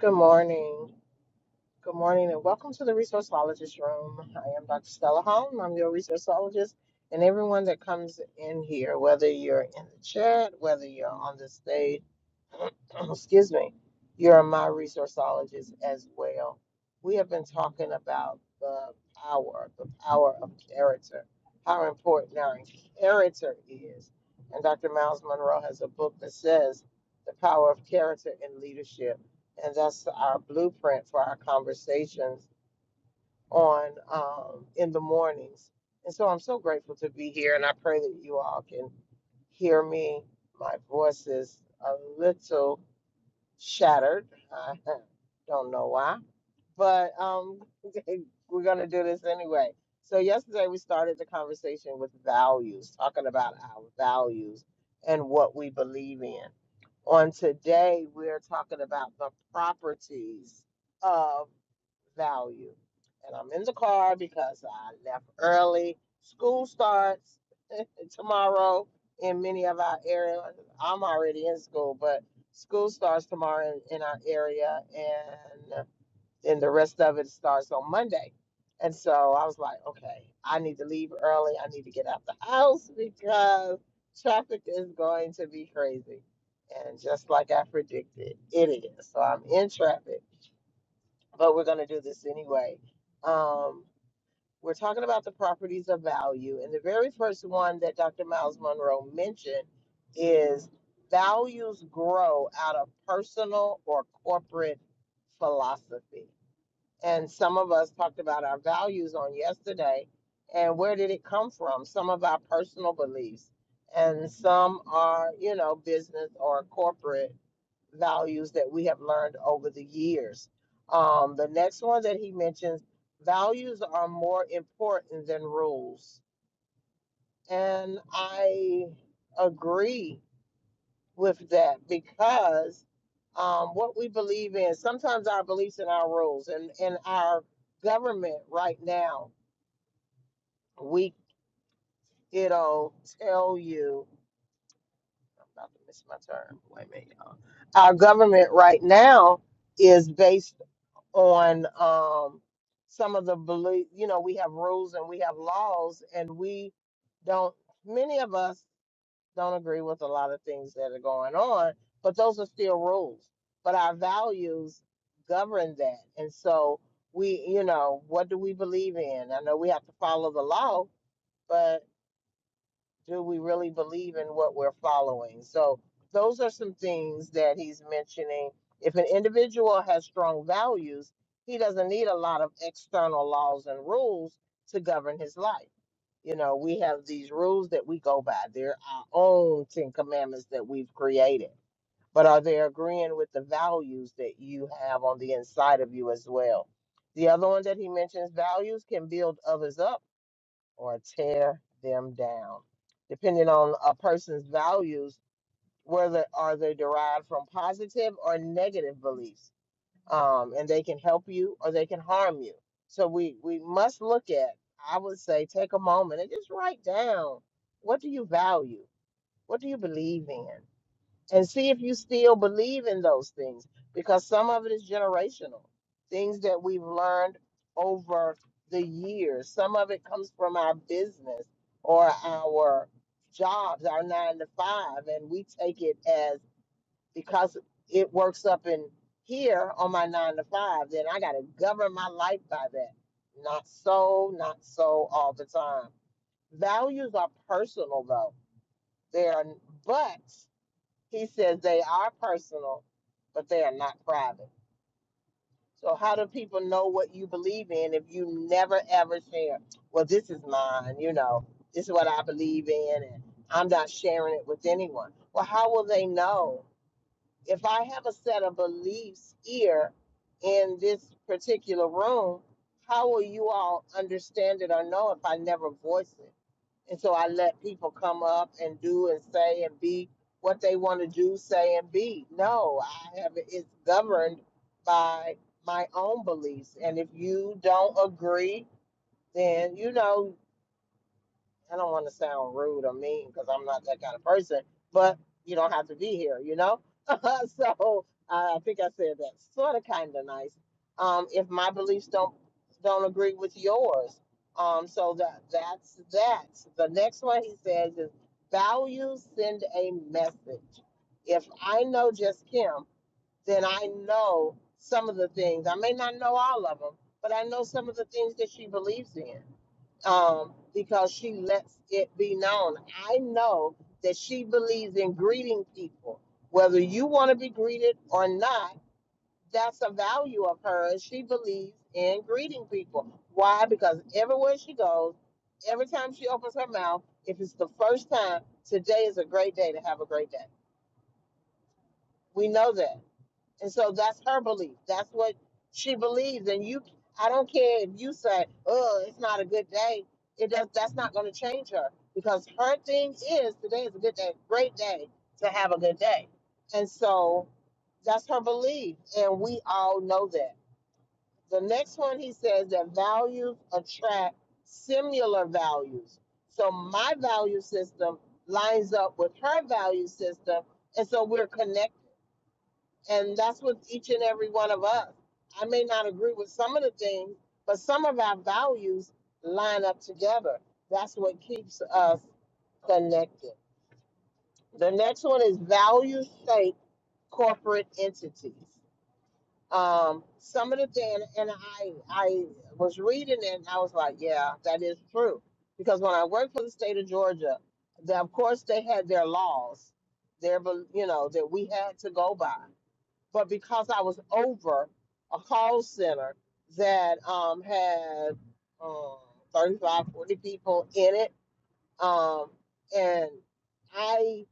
Good morning. Good morning, and welcome to the Resourceologist Room. I am Dr. Stella Holm. I'm your resourceologist, and everyone that comes in here, whether you're in the chat, whether you're on the stage, excuse me, you're my resourceologist as well. We have been talking about the power, the power of character, how important our character is. And Dr. Miles Monroe has a book that says the power of character in leadership. And that's our blueprint for our conversations on um, in the mornings. And so I'm so grateful to be here, and I pray that you all can hear me. My voice is a little shattered. I don't know why, but um, we're going to do this anyway. So, yesterday we started the conversation with values, talking about our values and what we believe in. On today, we're talking about the properties of value. And I'm in the car because I left early. School starts tomorrow in many of our areas. I'm already in school, but School starts tomorrow in, in our area, and then the rest of it starts on Monday. And so I was like, okay, I need to leave early. I need to get out the house because traffic is going to be crazy. And just like I predicted, it is. So I'm in traffic, but we're going to do this anyway. Um, we're talking about the properties of value. And the very first one that Dr. Miles Monroe mentioned is values grow out of personal or corporate philosophy. And some of us talked about our values on yesterday. And where did it come from? Some of our personal beliefs, and some are, you know, business or corporate values that we have learned over the years. Um, the next one that he mentions values are more important than rules. And I agree with that because um, what we believe in, sometimes our beliefs and our rules and, and our government right now, we, it'll tell you, I'm about to miss my turn. Wait a minute, y'all. Our government right now is based on um, some of the belief. You know, we have rules and we have laws, and we don't. Many of us don't agree with a lot of things that are going on, but those are still rules. But our values govern that, and so we, you know, what do we believe in? I know we have to follow the law, but do we really believe in what we're following? So, those are some things that he's mentioning. If an individual has strong values, he doesn't need a lot of external laws and rules to govern his life. You know, we have these rules that we go by, they're our own Ten Commandments that we've created. But are they agreeing with the values that you have on the inside of you as well? The other one that he mentions values can build others up or tear them down. Depending on a person's values, whether are they derived from positive or negative beliefs, um, and they can help you or they can harm you. So we we must look at. I would say take a moment and just write down what do you value, what do you believe in, and see if you still believe in those things because some of it is generational things that we've learned over the years some of it comes from our business or our jobs our nine to five and we take it as because it works up in here on my nine to five then i got to govern my life by that not so not so all the time values are personal though they are but he says they are personal, but they are not private. So how do people know what you believe in if you never ever share? Well, this is mine, you know, this is what I believe in, and I'm not sharing it with anyone. Well, how will they know? if I have a set of beliefs here in this particular room, how will you all understand it or know if I never voice it? And so I let people come up and do and say and be what they want to do, say and be. No, I have it's governed by my own beliefs. And if you don't agree, then you know I don't want to sound rude or mean because I'm not that kind of person, but you don't have to be here, you know? so I I think I said that sort of kind of nice. Um, if my beliefs don't don't agree with yours, um, so that that's that. The next one he says is values send a message. If I know just Kim, then I know some of the things. I may not know all of them, but I know some of the things that she believes in um, because she lets it be known. I know that she believes in greeting people. Whether you want to be greeted or not, that's a value of hers. She believes in greeting people. Why? Because everywhere she goes, every time she opens her mouth, if it's the first time, today is a great day to have a great day. We know that. And so that's her belief. That's what she believes. And you, I don't care if you say, "Oh, it's not a good day." It does. That's not going to change her because her thing is today is a good day, great day to have a good day. And so that's her belief, and we all know that. The next one he says that values attract similar values. So my value system lines up with her value system, and so we're connected. And that's with each and every one of us. I may not agree with some of the things, but some of our values line up together. That's what keeps us connected. The next one is value state corporate entities. Um, some of the thing, and I, I was reading it and I was like, yeah, that is true. Because when I worked for the state of Georgia, they, of course they had their laws, their, you know, that we had to go by but because I was over a call center that um, had um, 35, forty people in it, um, and I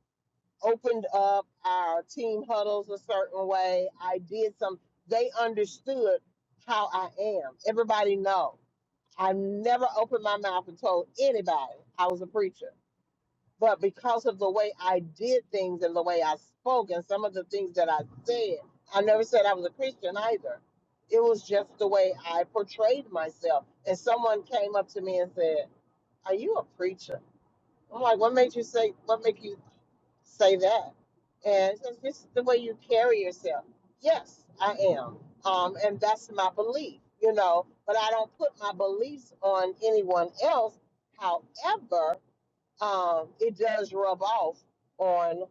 opened up our team huddles a certain way. I did some, they understood how I am. Everybody know. I never opened my mouth and told anybody I was a preacher but because of the way I did things and the way I spoke and some of the things that I said, I never said I was a Christian either. It was just the way I portrayed myself. And someone came up to me and said, "Are you a preacher?" I'm like, "What made you say? What make you say that?" And says, "This is the way you carry yourself." Yes, I am, um, and that's my belief, you know. But I don't put my beliefs on anyone else. However, um, it does rub off on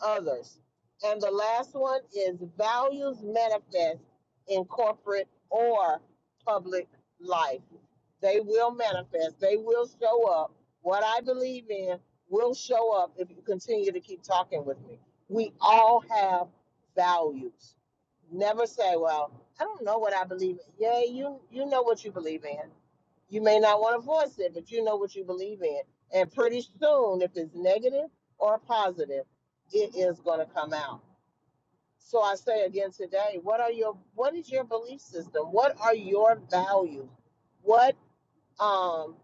others. And the last one is values manifest in corporate or public life. They will manifest, they will show up. What I believe in will show up if you continue to keep talking with me. We all have values. Never say, well, I don't know what I believe in. Yeah, you you know what you believe in. You may not want to voice it, but you know what you believe in. And pretty soon, if it's negative or positive, it is going to come out. So I say again today, what are your what is your belief system? What are your values? What um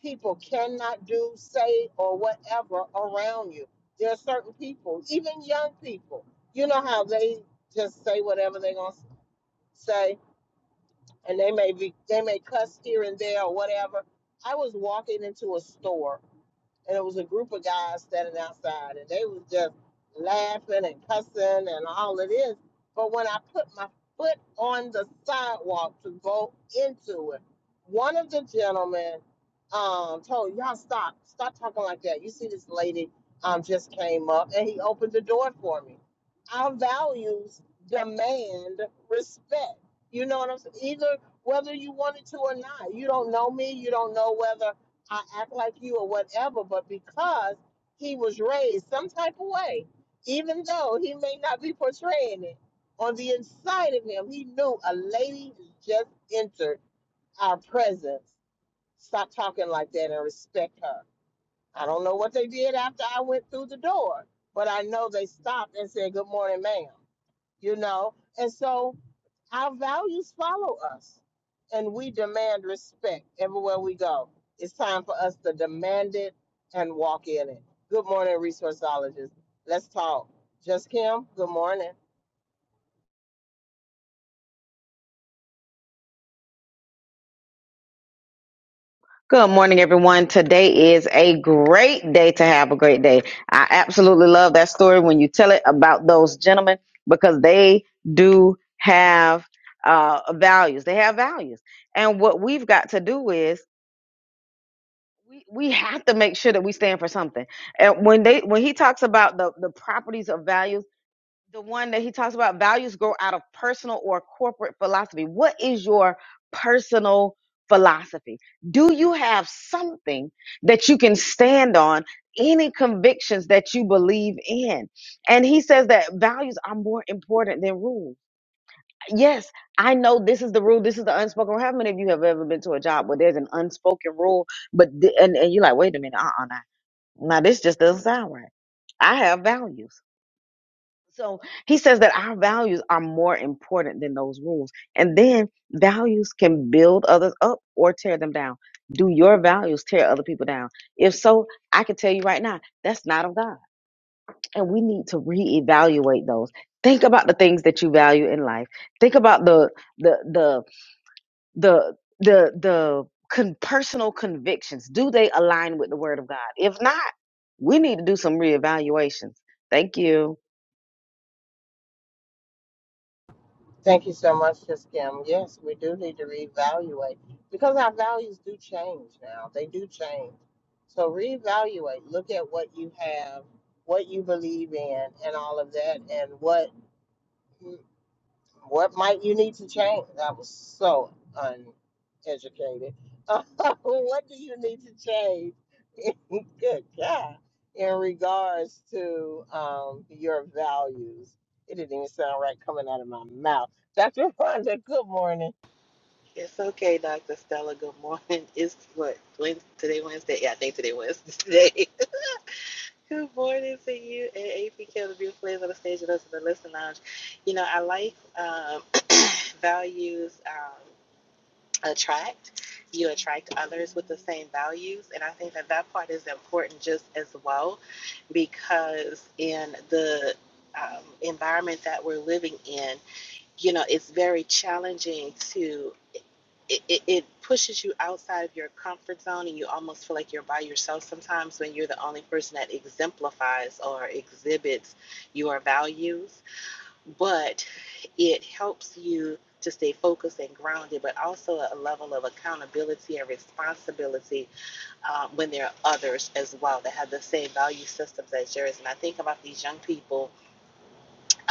people cannot do, say, or whatever around you. There are certain people, even young people, you know how they just say whatever they're gonna say and they may be they may cuss here and there or whatever. I was walking into a store and it was a group of guys standing outside, and they was just laughing and cussing and all of this. But when I put my foot on the sidewalk to go into it, one of the gentlemen um, told y'all stop, stop talking like that. You see this lady um, just came up, and he opened the door for me. Our values demand respect. You know what I'm saying? Either whether you want it to or not. You don't know me. You don't know whether I act like you or whatever, but because he was raised some type of way, even though he may not be portraying it, on the inside of him, he knew a lady just entered our presence. Stop talking like that and respect her. I don't know what they did after I went through the door, but I know they stopped and said, Good morning, ma'am. You know? And so our values follow us, and we demand respect everywhere we go. It's time for us to demand it and walk in it. Good morning, resourceologists. Let's talk. Just Kim, good morning. Good morning, everyone. Today is a great day to have a great day. I absolutely love that story when you tell it about those gentlemen because they do have uh, values. They have values. And what we've got to do is we, we have to make sure that we stand for something. And when they when he talks about the, the properties of values, the one that he talks about values grow out of personal or corporate philosophy. What is your personal philosophy? Do you have something that you can stand on? Any convictions that you believe in? And he says that values are more important than rules. Yes, I know this is the rule. This is the unspoken rule. How many of you have ever been to a job where there's an unspoken rule, but the, and, and you're like, wait a minute, uh, uh, now, now this just doesn't sound right. I have values. So he says that our values are more important than those rules. And then values can build others up or tear them down. Do your values tear other people down? If so, I can tell you right now, that's not of God. And we need to reevaluate those. Think about the things that you value in life. Think about the the the the the the con- personal convictions. Do they align with the word of God? If not, we need to do some reevaluations. Thank you. Thank you so much, Just Kim. Yes, we do need to reevaluate because our values do change now. They do change. So reevaluate. Look at what you have, what you believe in, and all of that, and what What might you need to change? That was so uneducated. what do you need to change? Good God. In regards to um, your values. It didn't even sound right coming out of my mouth. Dr. Rhonda, good morning. It's okay, Dr. Stella. Good morning. It's what Wednesday, today Wednesday. Yeah, I think today Wednesday. Good morning to you and APK, the beautiful ladies on the stage with us in the Listen lounge. You know, I like um, values um, attract. You attract others with the same values, and I think that that part is important just as well because in the um, environment that we're living in you know, it's very challenging to, it, it, it pushes you outside of your comfort zone and you almost feel like you're by yourself sometimes when you're the only person that exemplifies or exhibits your values. But it helps you to stay focused and grounded, but also a level of accountability and responsibility um, when there are others as well that have the same value systems as yours. And I think about these young people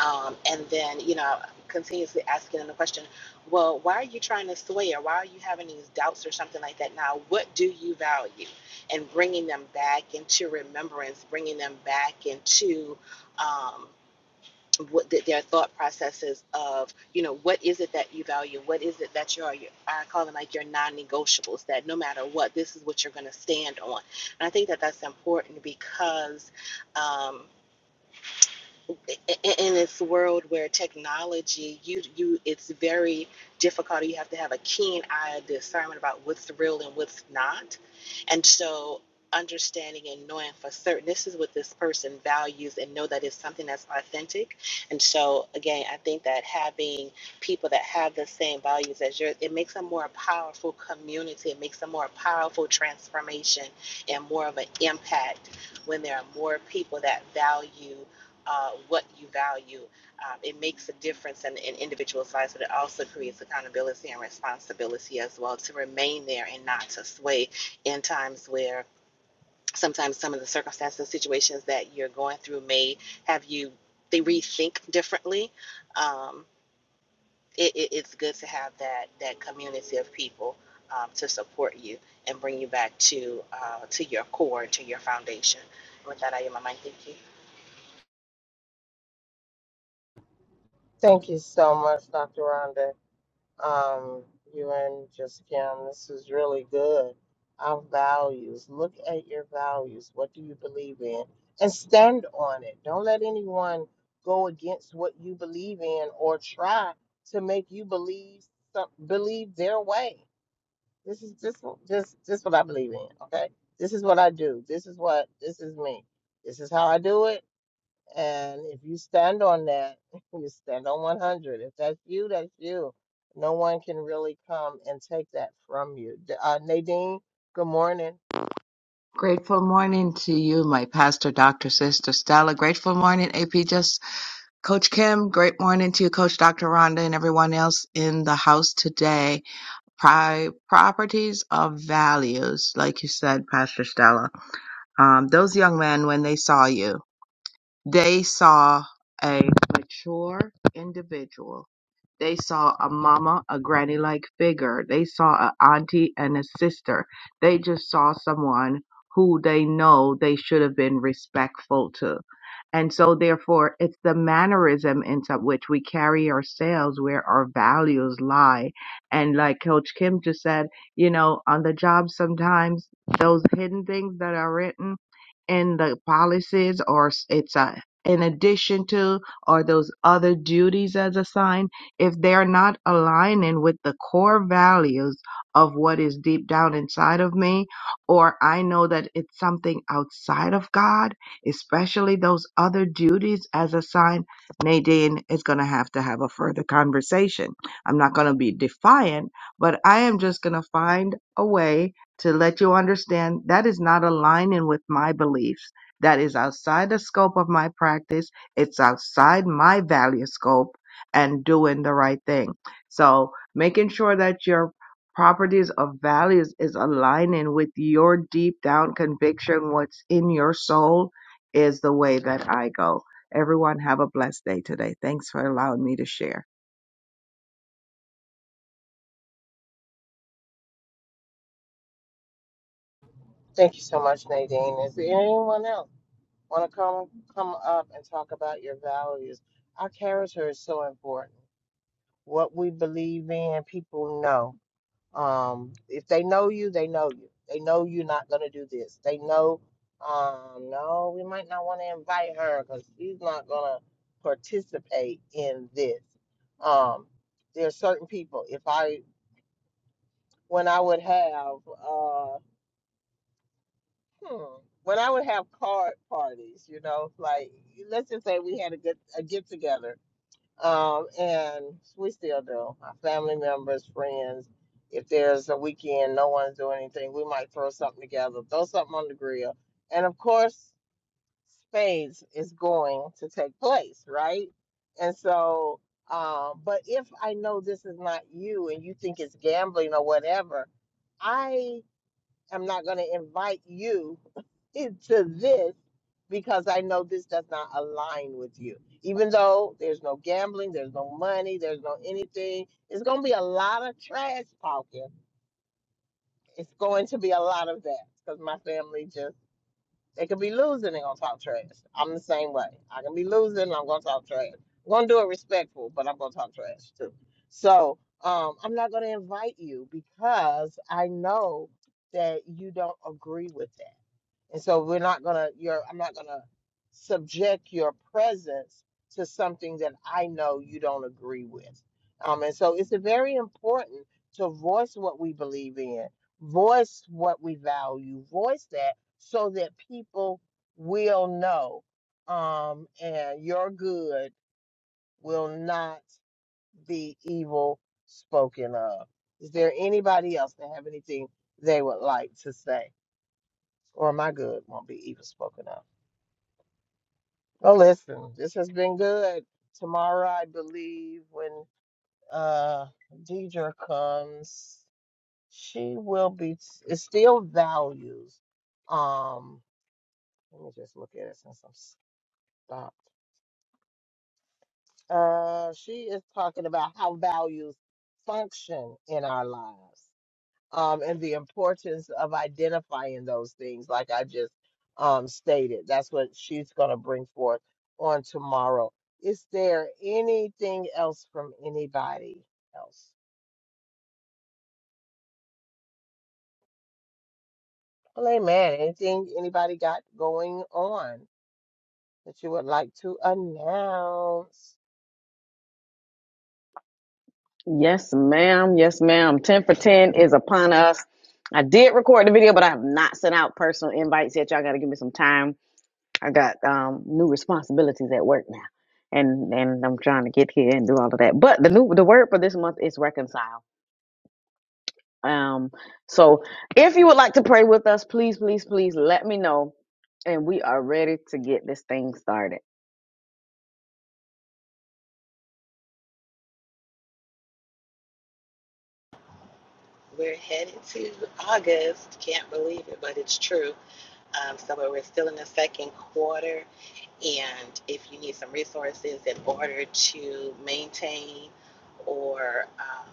um, and then, you know, continuously asking them the question, well, why are you trying to sway or why are you having these doubts or something like that now? What do you value? And bringing them back into remembrance, bringing them back into um, what th- their thought processes of, you know, what is it that you value? What is it that you are? Your, I call them like your non negotiables, that no matter what, this is what you're going to stand on. And I think that that's important because. Um, in this world where technology you you it's very difficult you have to have a keen eye of discernment about what's real and what's not and so understanding and knowing for certain this is what this person values and know that it's something that's authentic and so again i think that having people that have the same values as yours it makes a more powerful community it makes a more powerful transformation and more of an impact when there are more people that value uh, what you value. Um, it makes a difference in an individual's lives, but it also creates accountability and responsibility as well to remain there and not to sway in times where sometimes some of the circumstances, situations that you're going through may have you they rethink differently. Um, it, it, it's good to have that that community of people um, to support you and bring you back to uh, to your core, to your foundation. With that, I am my mind. Thank you. Thank you so much, Dr. Rhonda. um, you and Jessica, this is really good. Our values. Look at your values. What do you believe in? And stand on it. Don't let anyone go against what you believe in or try to make you believe some, believe their way. This is just just just what I believe in. Okay. This is what I do. This is what this is me. This is how I do it. And if you stand on that, you stand on 100. If that's you, that's you. No one can really come and take that from you. D- Uh, Nadine, good morning. Grateful morning to you, my pastor, Dr. Sister Stella. Grateful morning, AP Just Coach Kim. Great morning to you, Coach Dr. Rhonda, and everyone else in the house today. Pri- properties of values, like you said, Pastor Stella. Um, those young men, when they saw you, they saw a mature individual. They saw a mama, a granny like figure. They saw an auntie and a sister. They just saw someone who they know they should have been respectful to. And so, therefore, it's the mannerism into which we carry ourselves where our values lie. And like Coach Kim just said, you know, on the job, sometimes those hidden things that are written in the policies or s- it's a in addition to or those other duties as assigned if they're not aligning with the core values of what is deep down inside of me or i know that it's something outside of god especially those other duties as assigned nadine is going to have to have a further conversation i'm not going to be defiant but i am just going to find a way to let you understand that is not aligning with my beliefs. That is outside the scope of my practice. It's outside my value scope and doing the right thing. So making sure that your properties of values is aligning with your deep down conviction, what's in your soul is the way that I go. Everyone have a blessed day today. Thanks for allowing me to share. Thank you so much, Nadine. Is there anyone else want to come come up and talk about your values? Our character is so important. What we believe in, people know. Um, if they know you, they know you. They know you're not going to do this. They know, um, no, we might not want to invite her because she's not going to participate in this. Um, there are certain people. If I, when I would have, uh, hmm, when I would have card parties, you know, like let's just say we had a get a get together Um, and we still do. Our family members, friends. If there's a weekend, no one's doing anything, we might throw something together, throw something on the grill. And of course, spades is going to take place, right? And so, um, but if I know this is not you and you think it's gambling or whatever, I am not going to invite you to this because I know this does not align with you. Even though there's no gambling, there's no money, there's no anything, it's going to be a lot of trash talking. It's going to be a lot of that because my family just, they could be losing, they're going to talk trash. I'm the same way. I can be losing, I'm going to talk trash. I'm going to do it respectful, but I'm going to talk trash too. So um, I'm not going to invite you because I know that you don't agree with that. And so we're not gonna you're I'm not gonna subject your presence to something that I know you don't agree with. Um and so it's very important to voice what we believe in, voice what we value, voice that so that people will know um and your good will not be evil spoken of. Is there anybody else that have anything they would like to say? Or my good won't be evil spoken of. Well, listen, this has been good. Tomorrow, I believe, when uh Deidre comes, she will be. It's still values. Um, let me just look at it since I'm stopped. Uh, she is talking about how values function in our lives. um, and the importance of identifying those things, like I just um, stated. That's what she's going to bring forth on tomorrow. Is there anything else from anybody else? Well, amen. Anything anybody got going on that you would like to announce? Yes, ma'am. Yes, ma'am. 10 for 10 is upon us. I did record the video, but I have not sent out personal invites yet. Y'all got to give me some time. I got um, new responsibilities at work now. And and I'm trying to get here and do all of that. But the new the word for this month is reconcile. Um so if you would like to pray with us, please please please let me know and we are ready to get this thing started. We're headed to August. Can't believe it, but it's true. Um, so we're still in the second quarter, and if you need some resources in order to maintain or um,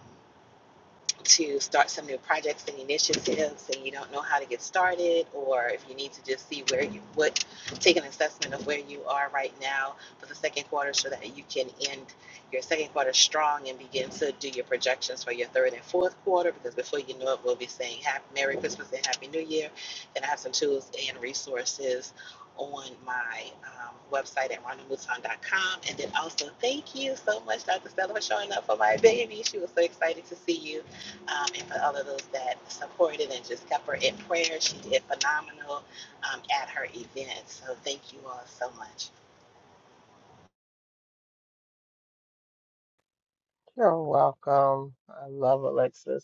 to start some new projects and initiatives and you don't know how to get started or if you need to just see where you what take an assessment of where you are right now for the second quarter so that you can end your second quarter strong and begin to do your projections for your third and fourth quarter because before you know it we'll be saying happy merry christmas and happy new year and i have some tools and resources on my um, website at Rhonda Mouton dot com. and then also thank you so much dr stella for showing up for my baby she was so excited to see you um, and for all of those that supported and just kept her in prayer. She did phenomenal um, at her event. So thank you all so much. You're welcome. I love Alexis.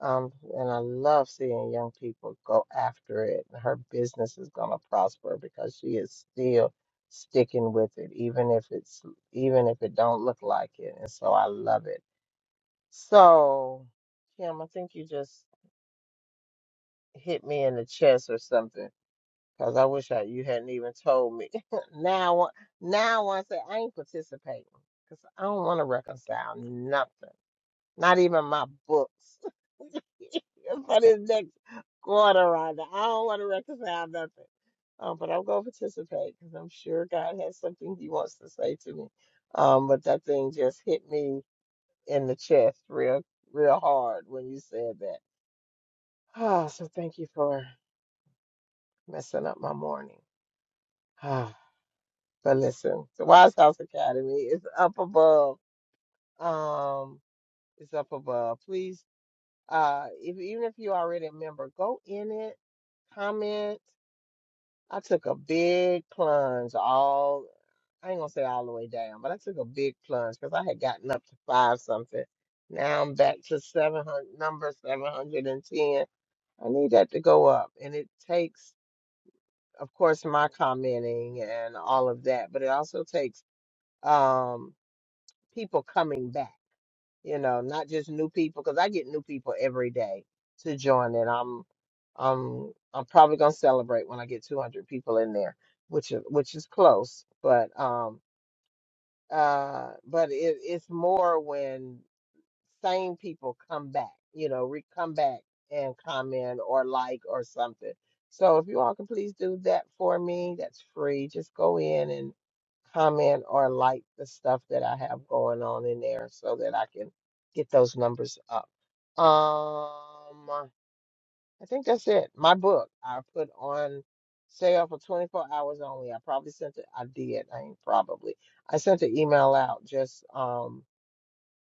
Um, and I love seeing young people go after it. Her business is going to prosper because she is still sticking with it, even if it's even if it don't look like it. And so I love it. So, Kim, I think you just hit me in the chest or something because I wish I, you hadn't even told me. now, I want- now I wanna say I ain't participating because I don't want to reconcile nothing, not even my books. for this next quarter, Rhonda. I don't want to reconcile nothing, um, but I'm going to participate because I'm sure God has something He wants to say to me. Um, but that thing just hit me in the chest real, real hard when you said that. Ah, so thank you for messing up my morning. Ah, but listen, the Wise House Academy is up above. Um, it's up above. Please, uh, if even if you're already a member, go in it, comment. I took a big plunge all, I ain't gonna say all the way down, but I took a big plunge because I had gotten up to five something. Now I'm back to 700, number 710. I need that to go up. And it takes, of course, my commenting and all of that, but it also takes um, people coming back you know, not just new people, because I get new people every day to join, and I'm, um, I'm probably gonna celebrate when I get 200 people in there, which is which is close, but um, uh, but it, it's more when same people come back, you know, re- come back and comment or like or something. So if you all can please do that for me, that's free. Just go in and comment or like the stuff that I have going on in there so that I can get those numbers up. Um, I think that's it. My book I put on sale for 24 hours only. I probably sent it. I did. I ain't probably. I sent an email out just um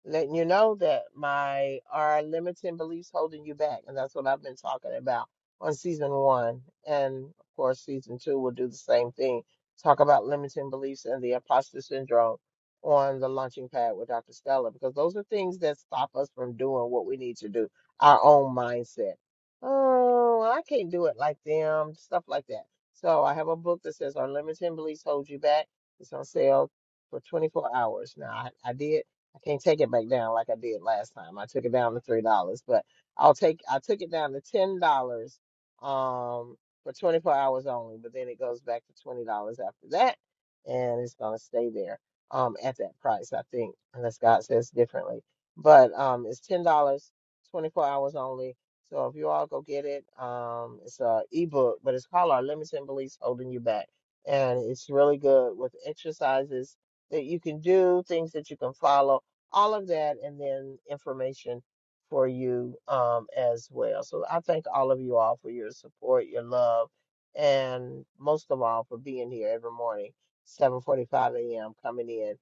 letting you know that my are limiting beliefs holding you back, and that's what I've been talking about on season one, and of course season two will do the same thing. Talk about limiting beliefs and the imposter syndrome on the launching pad with Dr. Stella, because those are things that stop us from doing what we need to do, our own mindset. Oh, I can't do it like them, stuff like that. So I have a book that says "Our Limiting Beliefs Hold You Back." It's on sale for 24 hours now. I, I did I can't take it back down like I did last time. I took it down to three dollars, but I'll take I took it down to ten dollars um for twenty four hours only, but then it goes back to twenty dollars after that and it's gonna stay there um at that price, I think, unless God says differently. But um it's ten dollars, twenty four hours only. So if you all go get it, um it's a ebook, but it's called Our Limits and Beliefs Holding You Back. And it's really good with exercises that you can do, things that you can follow all of that and then information for you um, as well. So I thank all of you all for your support, your love, and most of all for being here every morning, 7:45 a.m. coming in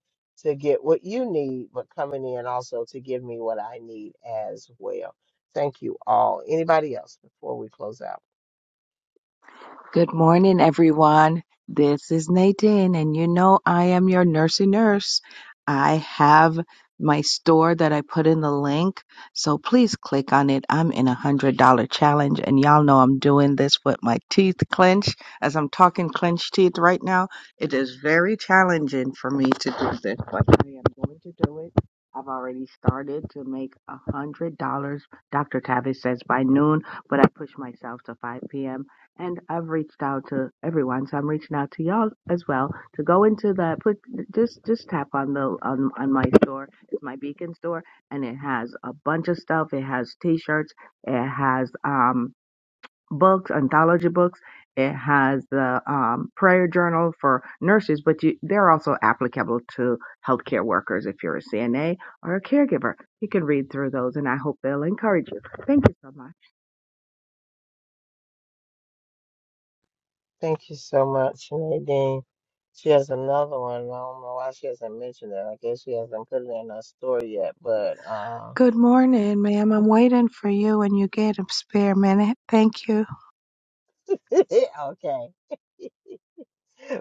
to get what you need, but coming in also to give me what I need as well. Thank you all. Anybody else before we close out? Good morning, everyone. This is Nadine, and you know I am your nursey nurse. I have my store that I put in the link, so please click on it. I'm in a hundred dollar challenge, and y'all know I'm doing this with my teeth clenched as I'm talking clenched teeth right now. It is very challenging for me to do this, but I am going to do it. I've already started to make a hundred dollars. Dr. Tavis says by noon, but I push myself to 5 p.m and I've reached out to everyone, so I'm reaching out to y'all as well to go into the put just just tap on the on, on my store. It's my Beacon store, and it has a bunch of stuff. It has T-shirts, it has um books, anthology books. It has the um, prayer journal for nurses, but you, they're also applicable to healthcare workers. If you're a CNA or a caregiver, you can read through those, and I hope they'll encourage you. Thank you so much. Thank you so much, Nadine. She has another one. I don't know why she hasn't mentioned it. I guess she hasn't put it in her story yet, but. uh, Good morning, ma'am. I'm waiting for you when you get a spare minute. Thank you. Okay.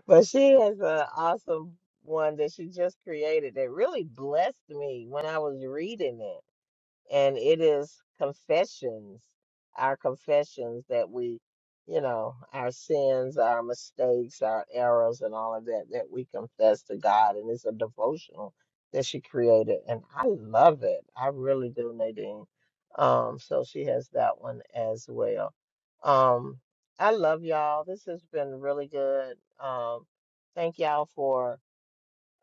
But she has an awesome one that she just created that really blessed me when I was reading it and it is confessions our confessions that we you know our sins our mistakes our errors and all of that that we confess to god and it's a devotional that she created and i love it i really do nadine um so she has that one as well um i love y'all this has been really good um thank y'all for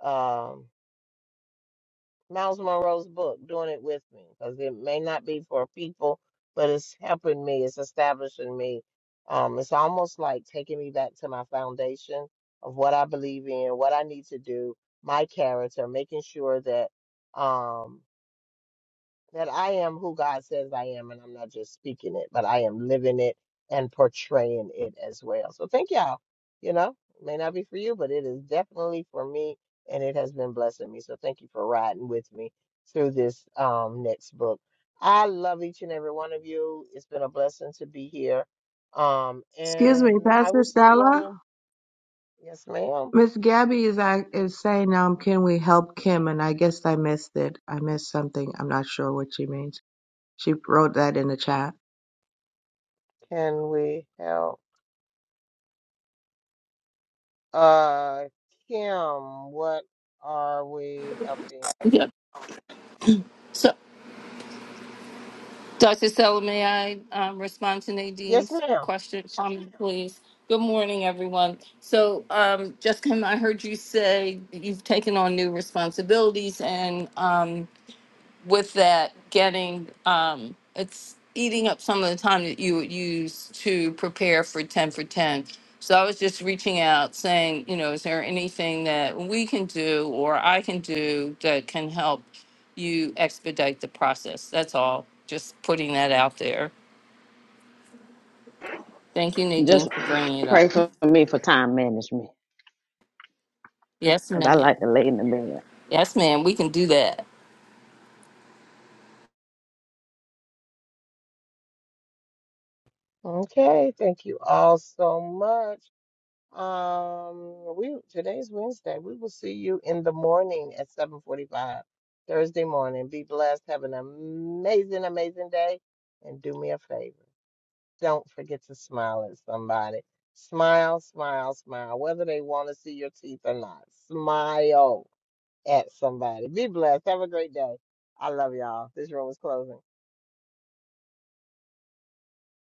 um Miles Monroe's book, Doing It With Me, because it may not be for people, but it's helping me, it's establishing me. Um, it's almost like taking me back to my foundation of what I believe in, what I need to do, my character, making sure that um, that I am who God says I am, and I'm not just speaking it, but I am living it and portraying it as well. So thank y'all. You know, it may not be for you, but it is definitely for me, and it has been blessing me. So thank you for riding with me through this um, next book. I love each and every one of you. It's been a blessing to be here. Um, Excuse me, and I Pastor will see you all Stella. in. Yes, ma'am. Miss Gabby is I is saying, um, can we help Kim? And I guess I missed it. I missed something. I'm not sure what she means. She wrote that in the chat. Can we help? Uh, Kim, what are we helping? Yeah. So, Dr. Stella, may I um, respond to Yes, Nadine's ma'am. question, comment, please? Good morning, everyone. So, um, Jessica, I heard you say that you've taken on new responsibilities, and um, with that getting um it's eating up some of the time that you would use to prepare for 10 for 10 so i was just reaching out saying you know is there anything that we can do or i can do that can help you expedite the process that's all just putting that out there thank you nadine Just for bringing it up pray for me for time management yes cuz ma'am I like to lay in the bed. yes ma'am we can do that Okay, thank you all so much. Um, we today's Wednesday. We will see you in the morning at 7:45 Thursday morning. Be blessed. Have an amazing, amazing day. And do me a favor. Don't forget to smile at somebody. Smile, smile, smile, whether they want to see your teeth or not. Smile at somebody. Be blessed. Have a great day. I love y'all. This room is closing.